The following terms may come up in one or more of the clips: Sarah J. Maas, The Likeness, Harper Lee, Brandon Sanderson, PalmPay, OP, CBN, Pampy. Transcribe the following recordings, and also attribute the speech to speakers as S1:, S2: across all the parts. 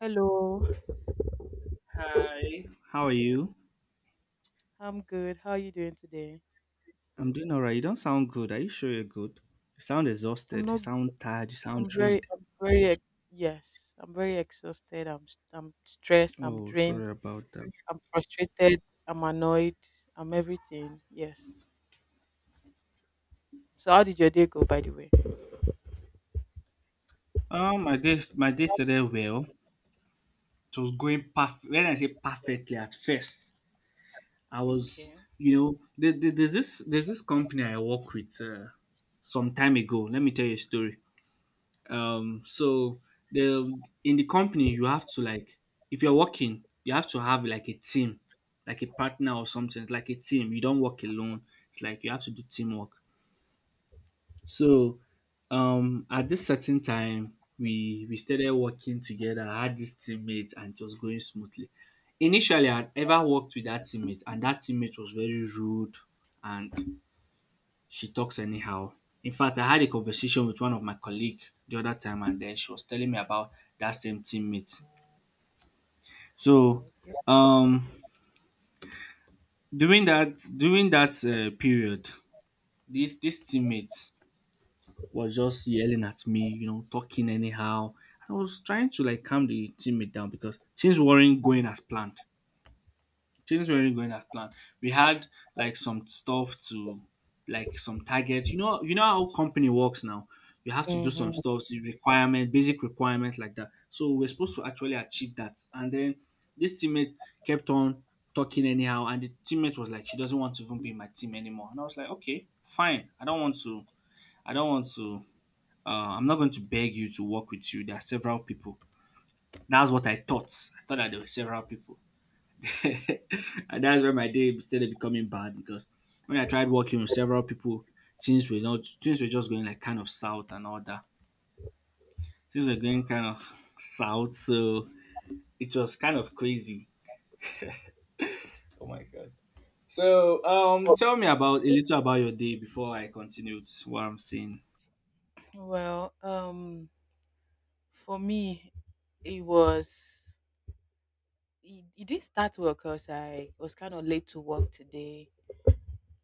S1: Hello.
S2: Hi. How are you?
S1: I'm good. How are you doing today?
S2: I'm doing all right. You don't sound good. Are you sure you're good? You sound
S1: I'm
S2: exhausted. You
S1: not.
S2: sound tired. You
S1: I'm
S2: sound
S1: very.
S2: drained.
S1: I'm very. ex- Yes, I'm very exhausted. I'm stressed. I'm
S2: Oh, sorry
S1: drained.
S2: about that.
S1: I'm frustrated. I'm annoyed. I'm everything. Yes. So, how did your day go, by the way?
S2: My days today well. It was going perfect. When I say perfectly, at first I was,
S1: Okay.
S2: you know, there's this company I work with some time ago. Let me tell you a story. um so
S1: Okay.
S2: the in the company you have to like, if you're working you have to have like a team, like a partner or something. It's like a team, you don't work alone. It's like you have to do teamwork. So, at this certain time we started working together. I had this teammate and it was going smoothly initially. I'd ever worked with that teammate and that teammate was very rude, and she talks anyhow. In fact, I had a conversation with one of my colleague the other time and then she was telling me about that same teammate. So,
S1: Oh, okay.
S2: um during that period, this teammate was just yelling at me, you know, talking anyhow. I was trying to like calm the teammate down because things weren't going as planned. Things weren't really going as planned. We had like some stuff to, like some targets. You know how company works now. You have to do some
S1: Mm-hmm.
S2: stuff, the requirement, basic requirements like that. So we're supposed to actually achieve that. And then this teammate kept on talking anyhow, and the teammate was like, she doesn't want to even be in my team anymore. And I was like, okay, fine. I don't want to. I don't want to. I'm not going to beg you to work with you. There are several people. That's what I thought. I thought that there were several people. And that's where my day started becoming bad because when I tried working with several people, things were not things were just going like kind of south and all that. Things were going kind of south, so it was kind of crazy. Oh my god. So, tell me about a little about your day before I continue with what I'm saying.
S1: Well, um, for me, it was. It didn't start well because I was kind of late to work today.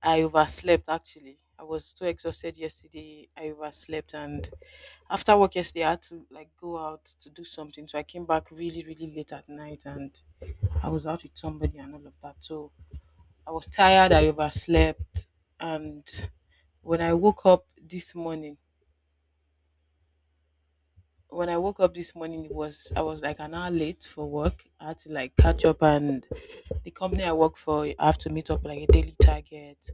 S1: I overslept actually. I was too exhausted yesterday. I overslept, and after work yesterday I had to like go out to do something. So I came back really, really late at night, and I was out with somebody and all of that. So I was tired, I overslept, and when I woke up this morning when I woke up this morning it was I was like an hour late for work. I had to like catch up, and the company I work for I have to meet up like a daily target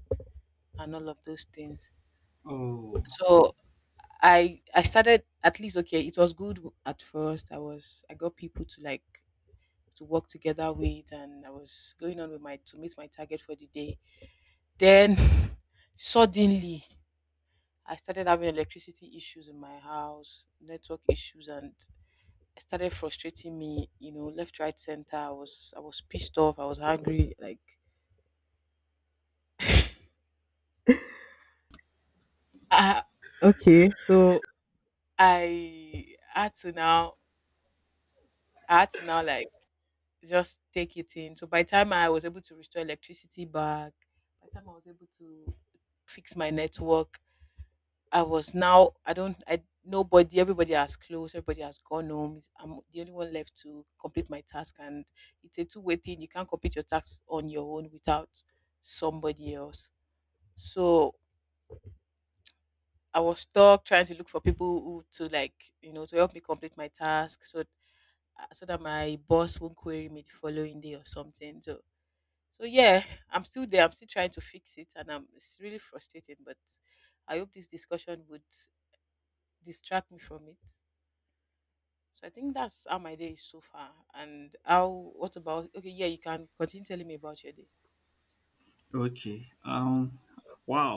S1: and all of those things.
S2: Oh
S1: So I started at least okay, it was good at first. I got people to like to work together with, and I was going on with my to meet my target for the day. Then suddenly I started having electricity issues in my house, network issues, and it started frustrating me, you know, left, right, center. I was pissed off, I was angry, like ah okay. So I had to now I had to now like just take it in. So by the time I was able to restore electricity back, by the time I was able to fix my network, I was now I don't I nobody everybody has closed, everybody has gone home. It's- I'm the only one left to complete my task, and it's a two-way thing. You can't complete your tasks on your own without somebody else. So I was stuck trying to look for people who to like, you know, to help me complete my task so that my boss won't query me the following day or something. So yeah, I'm still there. I'm still trying to fix it, and I'm it's really frustrating. But I hope this discussion would distract me from it. So I think that's how my day is so far. And how? What about? Okay, yeah, you can continue telling me about your day.
S2: okay. Wow.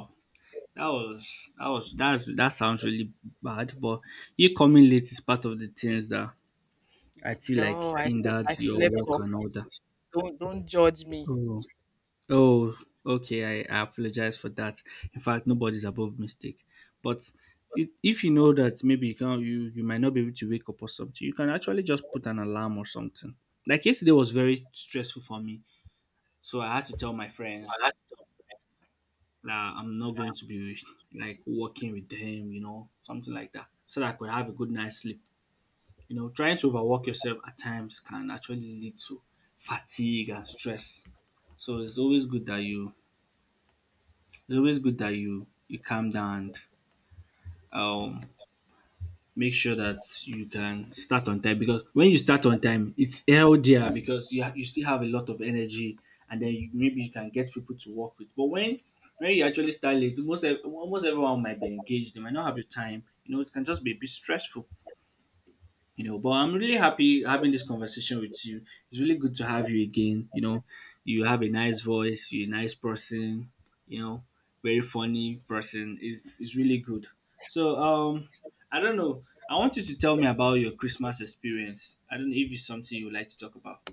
S2: That was that's that sounds really bad, but you coming late is part of the things that I feel like
S1: No,
S2: in that
S1: I
S2: your
S1: slept
S2: work
S1: off.
S2: and all that.
S1: Don't judge me.
S2: Oh, oh, okay. I apologize for that. In fact, nobody's above mistake. But, if you know that maybe you can, you might not be able to wake up or something, you can actually just put an alarm or something. Like yesterday was very stressful for me, so I had to tell my friends that I'm not going to be like working with them, you know, something like that, so that I could have a good night's sleep. You know, trying to overwork yourself at times can actually lead to fatigue and stress. So it's always good that you it's always good that you calm down and um make sure that you can start on time, because when you start on time it's healthier because you you still have a lot of energy and then you, maybe you can get people to work with. But when you actually start late, most almost everyone might be engaged. They might not have the time. You know, it can just be a bit stressful. You know, but I'm really happy having this conversation with you. It's really good to have you again, you know. You have a nice voice, you're a nice person, you know, very funny person. It's really good. So, I don't know, I want you to tell me about your Christmas experience. I don't know if it's something you would like to talk about.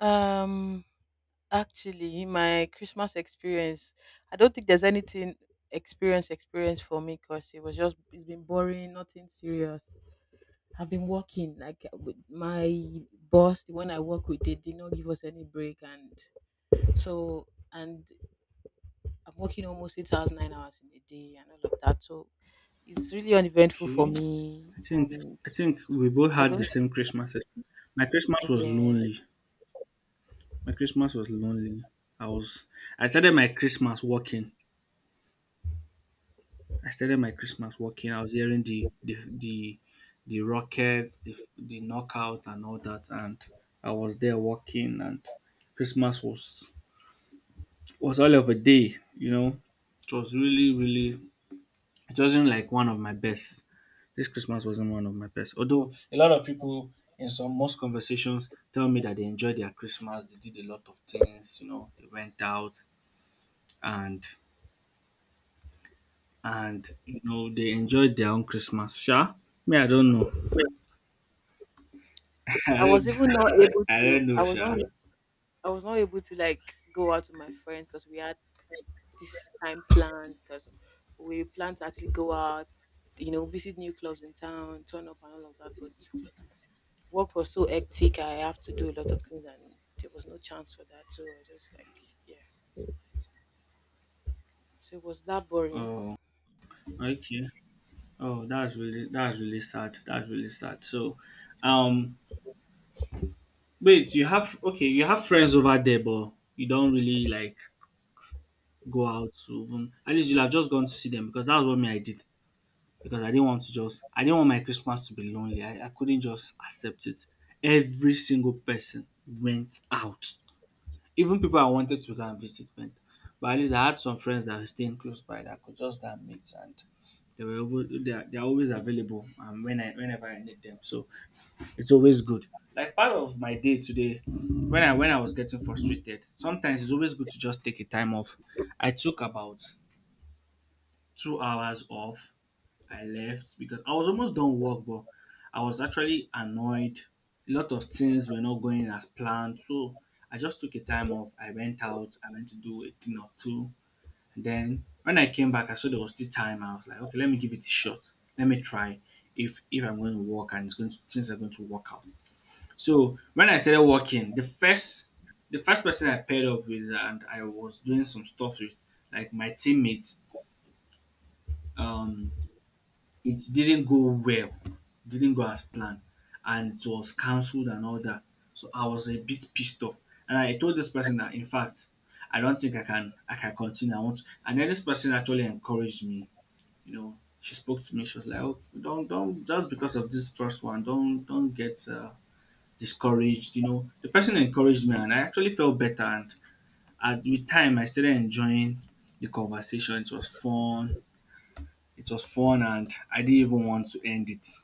S1: Um, Actually, my Christmas experience, I don't think there's anything experience for me because it was just it's been boring, nothing serious. I've been working like with my boss, the one I work with, they did not give us any break, and so and I'm working almost 8 hours 9 hours in a day and all of that, so it's really uneventful
S2: Okay.
S1: for me.
S2: I think,
S1: And
S2: I think we both
S1: I
S2: had the
S1: don't
S2: same Christmas. My Christmas was
S1: yeah,
S2: lonely. My Christmas was lonely. I was, I started my Christmas working. I started my Christmas walking. I was hearing the rockets, the knockout, and all that, and I was there walking, and Christmas was all of a day. You know, it was really really. It wasn't like one of my best. This Christmas wasn't one of my best. Although a lot of people in some most conversations tell me that they enjoyed their Christmas. They did a lot of things. You know, they went out, and and you know they enjoyed their own Christmas. Sure, me I don't know. I
S1: I was
S2: don't,
S1: even not able
S2: I
S1: to
S2: don't know,
S1: I was
S2: Sha.
S1: not I was not able to like go out with my friends because we had this time planned, because we planned to actually go out, you know, visit new clubs in town, turn up and all of that. But work was so hectic. I have to do a lot of things, and there was no chance for that. So I just like, yeah. So it was that boring.
S2: Oh, okay. Oh, that's really, that's really sad. That's really sad. So, um, wait, you have, okay, you have friends over there, but you don't really like go out to even. At least you'll have just gone to see them because that's what me I did. Because I didn't want to just, I didn't want my Christmas to be lonely. I couldn't just accept it. Every single person went out. Even people I wanted to go and visit went. But at least I had some friends that were staying close by that I could just go and meet, and they were able, they are always available and when I whenever I need them. So it's always good. Like part of my day today, when I was getting frustrated, sometimes it's always good to just take a time off. I took about 2 hours off. I left because I was almost done work, but I was actually annoyed. A lot of things were not going as planned. So I just took a time off. I went out, I went to do a thing or two. And then when I came back, I saw there was still time. I was like, okay, let me give it a shot. Let me try if I'm going to work and it's going to, things are going to work out. So when I started working, the first person I paired up with and I was doing some stuff with, like my teammates, um it didn't go well, didn't go as planned, and it was cancelled and all that. So I was a bit pissed off, and I told this person that in fact I don't think I can continue. I want, to. And then this person actually encouraged me. You know, she spoke to me. She was like, "Oh, don't just because of this first one, don't get discouraged." You know, the person encouraged me, and I actually felt better. And at with time, I started enjoying the conversation. It was fun. It was fun, and I didn't even want to end it.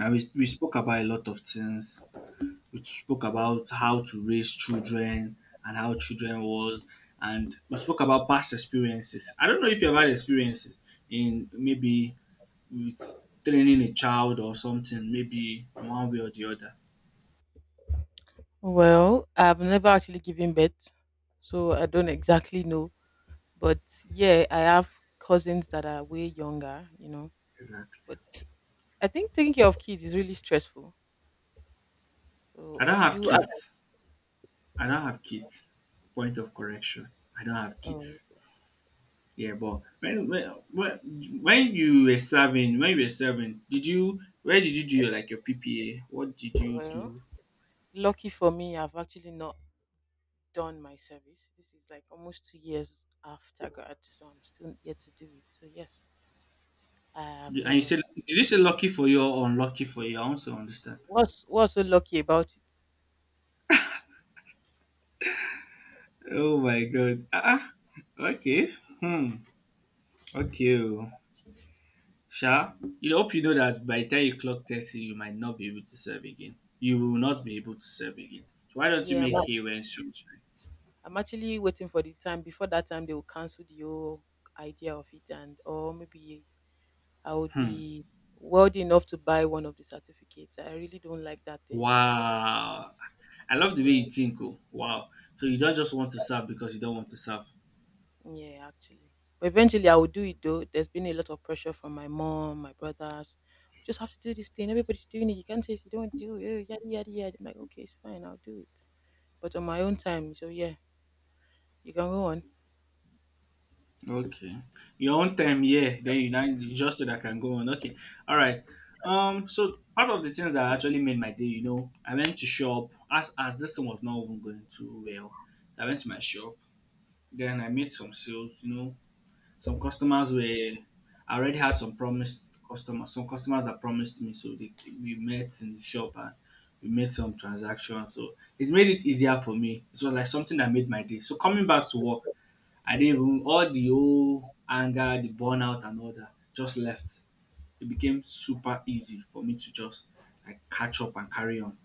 S2: And we spoke about a lot of things. We spoke about how to raise children and how children was, and we spoke about past experiences. I don't know if you've had experiences in maybe with training a child or something, maybe in one way or the other.
S1: Well, I've never actually given birth, so I don't exactly know. But yeah, I have cousins that are way younger, you know.
S2: Exactly.
S1: But I think taking care of kids is really stressful.
S2: I
S1: So
S2: don't
S1: do
S2: have
S1: you? act-
S2: kids. I don't have kids. Point of correction. I don't have
S1: Um,
S2: kids. Yeah, but when you were serving, when you were serving, did you, where did you do your like your PPA? What did you
S1: well,
S2: do?
S1: lucky for me, I've actually not done my service. This is like almost 2 years after grad, so I'm still yet to do it. So yes, I have
S2: And
S1: not
S2: you
S1: done.
S2: said, did you say lucky for you or unlucky for you? I want to understand.
S1: What's so lucky about it?
S2: Oh my god. Ah, ah, okay. Hmm. Okay, oh. Sha, you hope you know that by the time you clock 30, you might not be able to serve again. You will not be able to serve again. So why don't you
S1: Yeah, I'm,
S2: make
S1: ac-
S2: hay when sunshine?
S1: I'm actually waiting for the time. Before that time, they will cancel the whole idea of it, and or maybe I would
S2: Hmm.
S1: be wealthy enough to buy one of the certificates. I really don't like that in this trend.
S2: Wow. I love the way
S1: Yeah,
S2: you think. Oh. Wow. So you don't just want to serve because you don't want to serve.
S1: yeah, actually. But eventually, I will do it though. There's been a lot of pressure from my mom, my brothers. Just have to do this thing. Everybody's doing it. You can't say if you don't do it. Oh, yada yada yada. I'm like, okay, it's fine. I'll do it. But on my own time. So yeah, you can go on.
S2: Okay. Your own
S1: Mm.
S2: time, yeah. Then you now it's just so that I can go on. Okay. All right. So part of the things that actually made my day, you know, I went to shop as this thing was not even going too well. I went to my shop. Then I made some sales. You know, some customers were. I already had some promised customers. Some customers that promised me. So they, we met in the shop and we made some transactions. So it made it easier for me. It was like something that made my day. So coming back to work. I didn't even, all the old anger, the burnout and all that just left. It became super easy for me to just like catch up and carry on.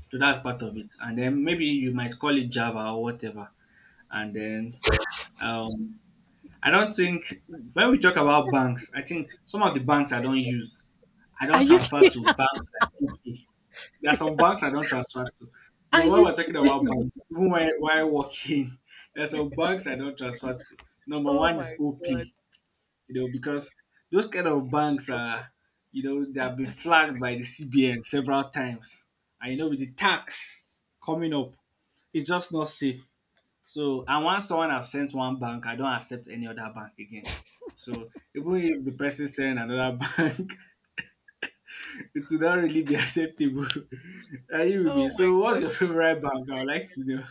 S2: So that's part of it. And then maybe you might call it Java or whatever. And then um I don't think, when we talk about banks, I think some of the banks I don't use, I
S1: Are
S2: don't
S1: you?
S2: transfer to banks like okay. There are some banks I don't transfer to. You
S1: Are
S2: know, when
S1: you
S2: we're talking
S1: kidding
S2: about
S1: me?
S2: banks, even while working, there are some banks I don't transfer to. Number
S1: Oh
S2: one is
S1: my god.
S2: OP. Because those kind of
S1: Okay, no
S2: banks
S1: problem.
S2: are, they
S1: I
S2: have been
S1: got you.
S2: flagged by the CBN several times. With the tax coming up, it's just not safe. So, and once someone has sent one bank, I don't accept any other bank again. So, even if the person send another bank, it will not really be acceptable. Are you with me?
S1: Oh my
S2: So, what's
S1: god.
S2: your favorite bank? I would like to know.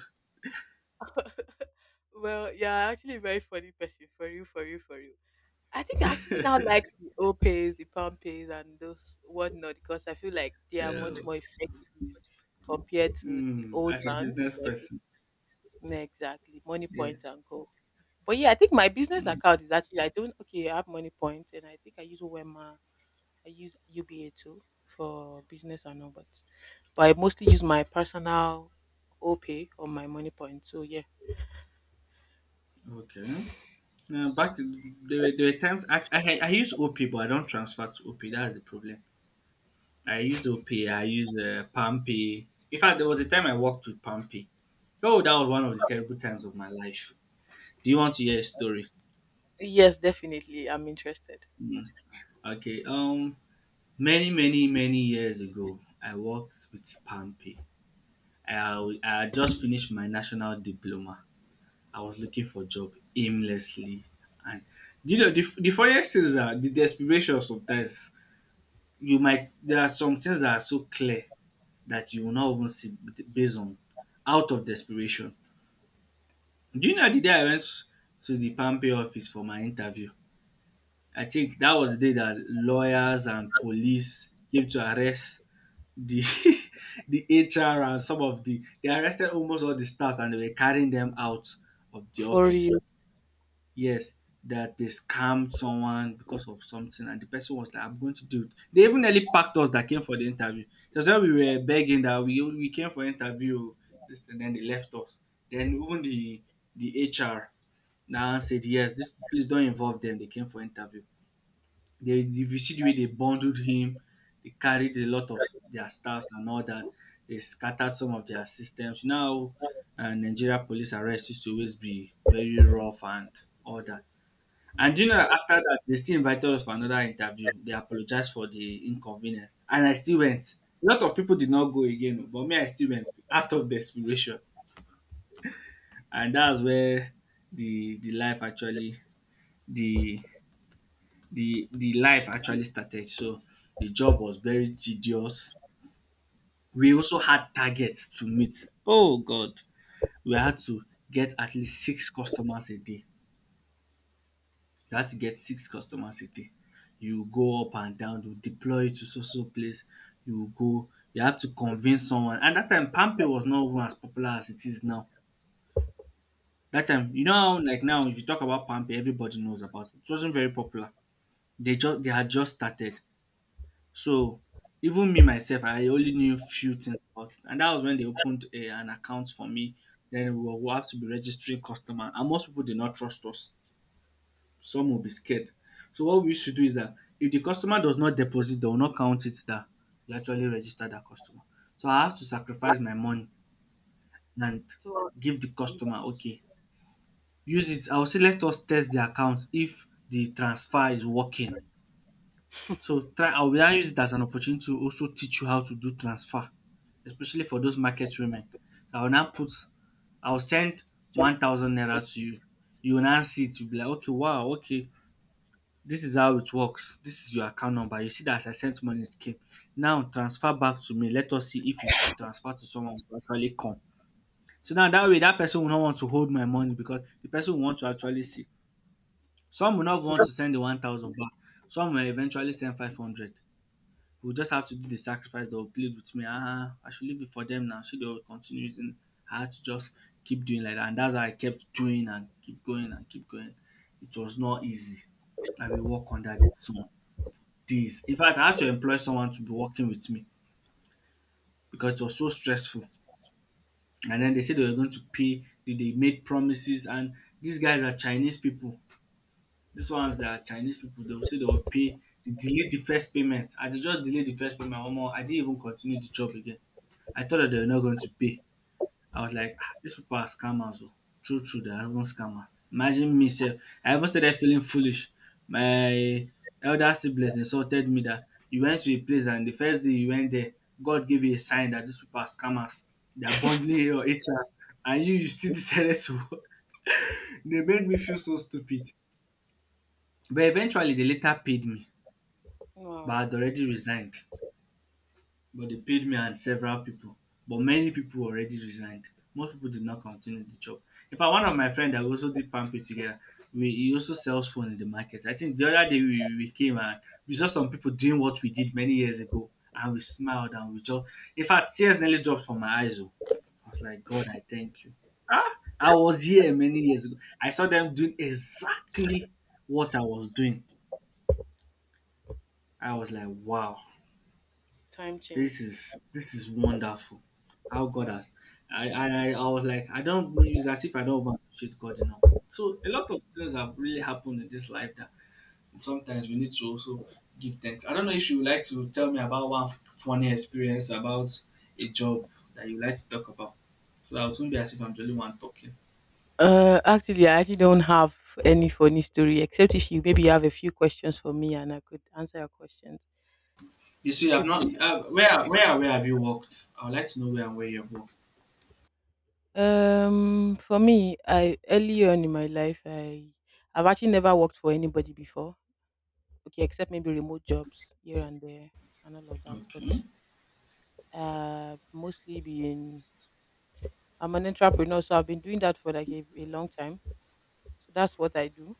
S1: Well, yeah, actually a very funny person for you, for you, for you. I think I actually now like the O pays, the pound pays and those whatnot because I feel like they are
S2: Yeah.
S1: much more effective compared to the
S2: Hmm,
S1: old
S2: as a
S1: banks.
S2: business
S1: Like
S2: person.
S1: yeah, exactly. Money
S2: Yeah.
S1: points and go. But yeah, I think my business account is actually I don't okay, I have money points, and I think I use Wema. I use UBA too for business and all, but I mostly use my personal OPay or my money point. So yeah.
S2: Okay. Yeah, back there were times I use OP, but I don't transfer to OP. That's the problem. I use OP. I use Pampy. In fact, there was a time I worked with Pampy. Oh, that was one of the terrible times of my life. Do you want to hear a story?
S1: Yes, definitely. I'm interested.
S2: Mm. Okay. Many many many years ago, I worked with Pampy. I I had just finished my national diploma. I was looking for a job aimlessly, and do you know the funniest thing is that the desperation sometimes, you might there are some things that are so clear that you will not even see based on, out of desperation. Do you know the day I went to the Pampe office for my interview? I think that was the day that lawyers and police came to arrest the the HR, and some of the they arrested almost all the stars, and they were carrying them out of the
S1: For
S2: office.
S1: real.
S2: Yes, that they scammed someone because of something, and the person was like, "I'm going to do it." They even nearly packed us that came for the interview. That's why we were begging that we came for interview. This, and then they left us. Then even the HR now said, "Yes, this, please don't involve them. They came for interview." They, if you see the way they bundled him, they carried a lot of their staffs and all that. They scattered some of their systems. You know how, Nigeria police arrest used to always be very rough and all that. And do you know that after that, they still invited us for another interview. They apologized for the inconvenience. And I still went. A lot of people did not go again, oh, but me, I still went out of desperation. And that's where the the life actually the the life actually started. So the job was very tedious. We also had targets to meet. Oh God. We had to get at least six customers a day. You had to get six customers a day. You go up and down, you deploy it to so place, you go, you have to convince someone. And that time PalmPay was not even as popular as it is now. That time, you know how, like, now if you talk about PalmPay, everybody knows about it. It wasn't very popular. They had just started. So even me myself, I only knew few things about it. And that was when they opened an account for me. Then we will have to be registering customer. And most people did not trust us. Some will be scared. So what we should do is that if the customer does not deposit, they will not count it that you actually registered that customer. So I have to sacrifice my money and give the customer, okay, use it. I'll say, let us test the account if the transfer is working. So try I will now use it as an opportunity to also teach you how to do transfer, especially for those market women. So I will now put I'll send 1,000 naira to you. You will now see it, you'll be like, okay, wow, okay. This is how it works. This is your account number. You see that as I sent money, it came. Now transfer back to me. Let us see if you should transfer to someone who actually come. So now that way, that person will not want to hold my money, because the person will want to actually see. Some will not want to send the 1,000 back. Some will eventually send 500. We'll just have to do the sacrifice. They'll plead with me. Ah, I should leave it for them now. Should they will continue using? I had to just keep doing like that. And that's how I kept doing and keep going and keep going. It was not easy. I will work on that. So days. In fact, I had to employ someone to be working with me because it was so stressful. And then they said they were going to pay. They made promises, and these guys are Chinese people. These ones that are Chinese people, they will say they will pay. They delayed the first payment. I just delayed the first payment. One more. I didn't even continue the job again. I thought that they were not going to pay. I was like, "Ah, these people are scammers. Oh. True, true, they are even scammers. Imagine me, sef. I even started feeling foolish. My elder siblings insulted me that you went to a place, and the first day you went there, God gave you a sign that these people are scammers. They are bundling your HR. And you still decided to." They made me feel so stupid. But eventually, they later paid me, but
S1: Wow.
S2: I'd already resigned. But they paid me and several people. But many people already resigned. Most people did not continue the job. In fact, one of my friend that we also did palm pay together, we he also sells phone in the market. I think the other day we came, and we saw some people doing what we did many years ago, and we smiled, and we just, in fact, tears nearly dropped from my eyes. Oh, I was like, God, I thank you. Ah, I was here many years ago. I saw them doing exactly what I was doing. I was like, wow.
S1: Time
S2: this
S1: changes.
S2: is this is wonderful, how God
S1: Mm.
S2: has, I was like, I don't it's as if I don't even appreciate God enough. So a lot of things have really happened in this life that sometimes we need to also give thanks. I don't know if you would like to tell me about one funny experience about a job that you like to talk about, so that it won't be as if I'm the only one talking.
S1: Actually, I actually don't have any funny story, except if you maybe have a few questions for me and I could answer your questions.
S2: You see, I've
S1: Maybe.
S2: not, where have you worked? I would like to know where and where you've worked.
S1: For me, I early on in my life, I I've actually never worked for anybody before. Okay, except maybe remote jobs here and there and all of that. But
S2: Okay.
S1: mostly being I'm an entrepreneur, so I've been doing that for like a long time, so that's what I do.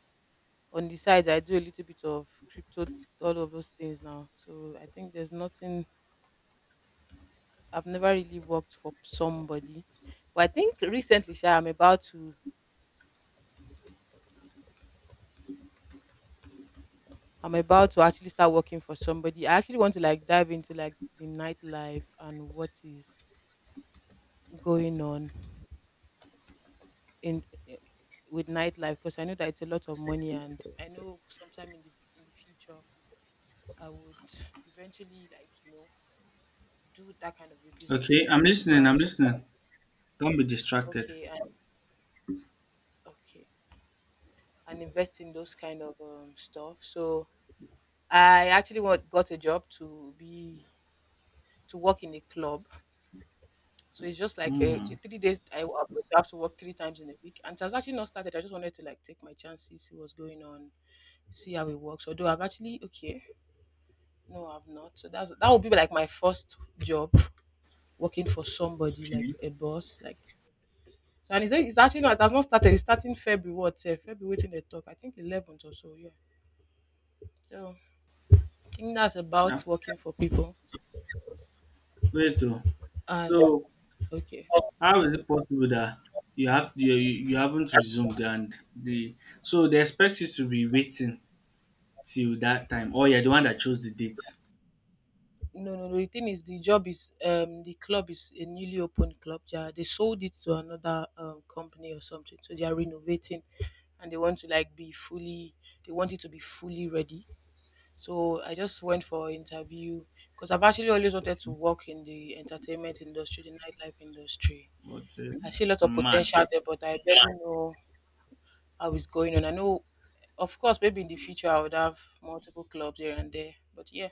S1: On the side I do a little bit of crypto, all of those things now. So I think there's nothing, I've never really worked for somebody. But I think recently, sha, I'm about to actually start working for somebody. I actually want to like dive into like the nightlife and what is going on in with nightlife, because I know that it's a lot of money, and I know sometime in the future I would eventually, like you know, do that kind of a business
S2: Okay,
S1: too
S2: I'm
S1: or
S2: listening. I'm
S1: branch out.
S2: listening. Don't be distracted.
S1: Okay, and okay, and invest in those kind of stuff. So got a job to be to work in a club. So it's just like a 3 days. I'm going to have to work three times in a week, and it has actually not started. I just wanted to like take my chances, see what's going on, see how it works. Although I've actually okay no I've not, so that's, that would be like my first job working for somebody, like
S2: Okay.
S1: a boss like. So and it's actually not, it has not started. It's starting February what sef? February wetin the talk? I think 11th or so. Yeah. So I think that's about working for people.
S2: Very true.
S1: And
S2: So
S1: okay,
S2: how is it possible that you haven't resumed, and the so they expect you to be waiting till that time? Oh, you're the one that chose the date.
S1: no. The thing is, the job is the club is a newly opened club. They sold it to another company or something. So they are renovating, and they want to like be fully. They want it to be fully ready. So I just went for an interview because I've actually always wanted to work in the entertainment industry, the nightlife industry.
S2: Okay.
S1: I see a lot of
S2: Mad.
S1: potential there, but I barely know how it's going on. I know, of course, maybe in the future I would have multiple clubs here and there. But yeah,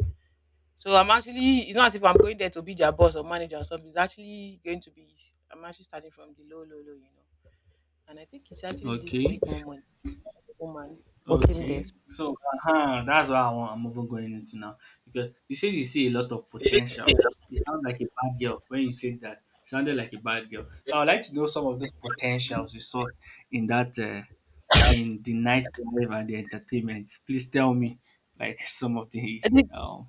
S1: so I'm actually, it's not as if I'm going there to be their boss or manager or something. It's actually going to be, I'm actually starting from the low, low, low, you know. And I think it's actually easy to
S2: Okay.
S1: make more money, woman, working there.
S2: Okay. So that's what I want. I'm even going into now, because you said you see a lot of potential.
S1: It
S2: You sound like a bad girl when you said that. You sounded like a bad girl. So I would like to know some of those potentials you saw in that, in the nightlife and the entertainment. Please tell me, like, some of the,
S1: I think,
S2: um,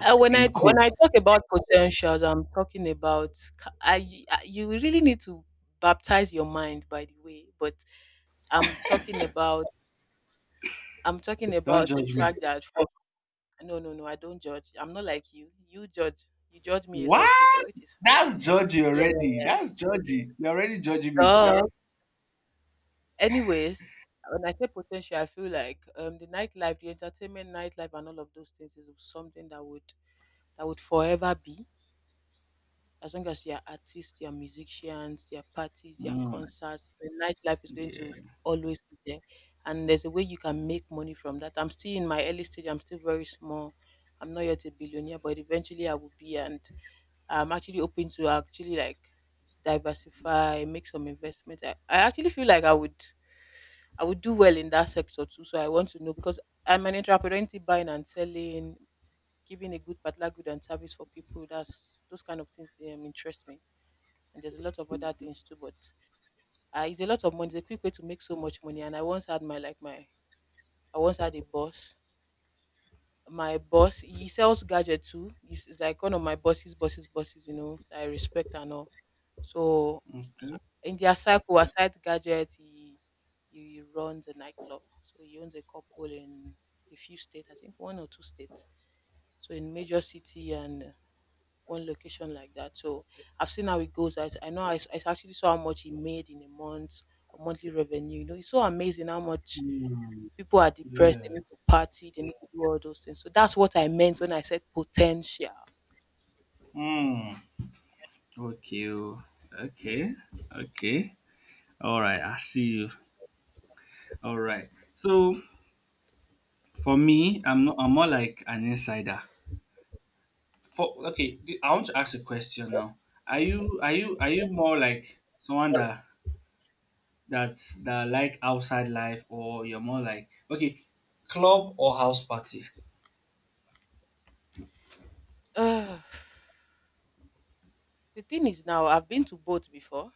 S1: when I
S2: in
S1: when I
S2: quotes.
S1: talk about potentials, I'm talking about ca-, you really need to baptize your mind, by the way. But I'm talking about I'm talking
S2: Don't
S1: about the
S2: judge me.
S1: fact that for no, no, no, I don't judge. I'm not like you. You judge. You judge me a lot too, but
S2: What?
S1: which is fine.
S2: That's judgy
S1: Yeah.
S2: already. That's judgy. You're already judging me.
S1: So, anyways, when I say potential, I feel like the nightlife, the entertainment nightlife and all of those things is something that would forever be. As long as you're artists, you're musicians, their parties, their
S2: Mm,
S1: concerts, the nightlife is going to
S2: yeah.
S1: always be there. And there's a way you can make money from that. I'm still in my early stage, I'm still very small. I'm not yet a billionaire, but eventually I will be, and I'm actually open to actually like diversify, make some investment. I actually feel like I would do well in that sector too. So I want to know because I'm an entrepreneur into buying and selling, giving a good particular good and service for people. That's those kind of things interest me. And there's a lot of other things too, but it's a lot of money. It's a quick way to make so much money. And I once had my like my I once had a boss. My boss, he sells gadget too. He's like one of my bosses, bosses, bosses. You know, I respect and all. So
S2: Okay.
S1: in their circle, aside gadget, he runs a nightclub. So he owns a couple in a few states, I think one or two states. So in major city and one location like that. So I've seen how it goes. I know, I actually saw how much he made in a month or monthly revenue. You know, it's so amazing how much
S2: Mm,
S1: people are depressed.
S2: yeah.
S1: They need to party. They need to do all those things. So that's what I meant when I said potential.
S2: Mm, okay. Oh, okay. Okay. All right. I see you. All right. So for me, I'm not. I'm more like an insider. For, I want to ask a question now. Are you more like someone that like outside life, or you're more like, okay, club or house party?
S1: Ugh. The thing is now I've been to both before.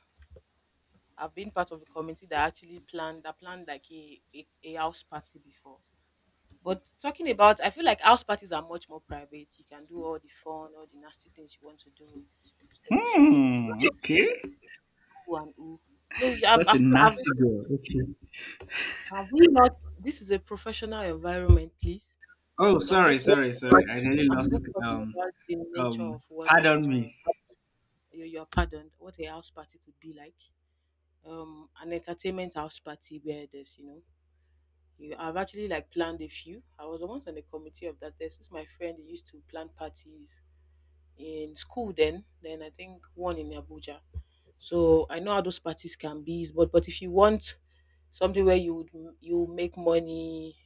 S1: I've been part of the committee that actually planned, that planned like a house party before. But talking about, I feel like house parties are much more private. You can do all the fun, all the nasty things you want to do. There's a few limited
S2: Hmm. Okay.
S1: ooh and ooh. No, you-
S2: Such a nasty girl. Okay.
S1: have we not? This is a professional environment, please.
S2: Oh,
S1: So I'm
S2: sorry,
S1: just
S2: sorry,
S1: talking about,
S2: sorry. I nearly
S1: I'm just
S2: lost.
S1: talking about the nature of what
S2: Pardon me.
S1: you, you're pardoned, what a house party could be like. An entertainment house party where there's, you know, you, I've actually like planned a few. I was once on the committee of that. There's this my friend who used to plan parties in school then. Then I think one in Abuja. So I know how those parties can be, but if you want something where you would you make money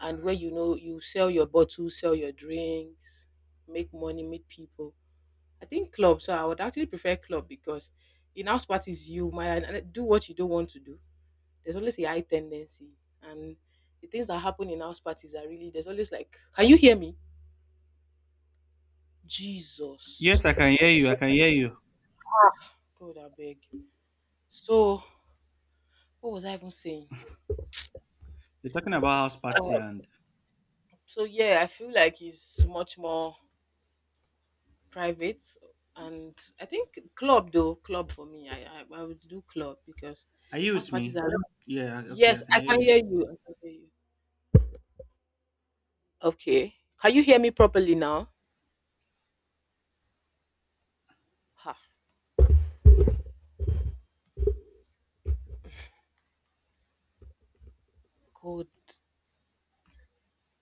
S1: and where you know you sell your bottles, sell your drinks, make money, meet people. I think club. So I would actually prefer club because in house parties you might do what you don't want to do. There's always a high tendency, and the things that happen in house parties are really there's always like, can you hear me? Jesus,
S2: Yes, I can hear you. I can hear you.
S1: God, I beg. So what was I even saying?
S2: You're talking about house party, and
S1: So yeah, I feel like it's much more private, and I think club, though club for me, I would do club because
S2: are you
S1: house
S2: with
S1: parties
S2: me?
S1: are.
S2: Yeah. Okay, I
S1: Yes,
S2: can
S1: I
S2: hear
S1: can
S2: you.
S1: hear you. I can hear you. Okay, can you hear me properly now? Ha,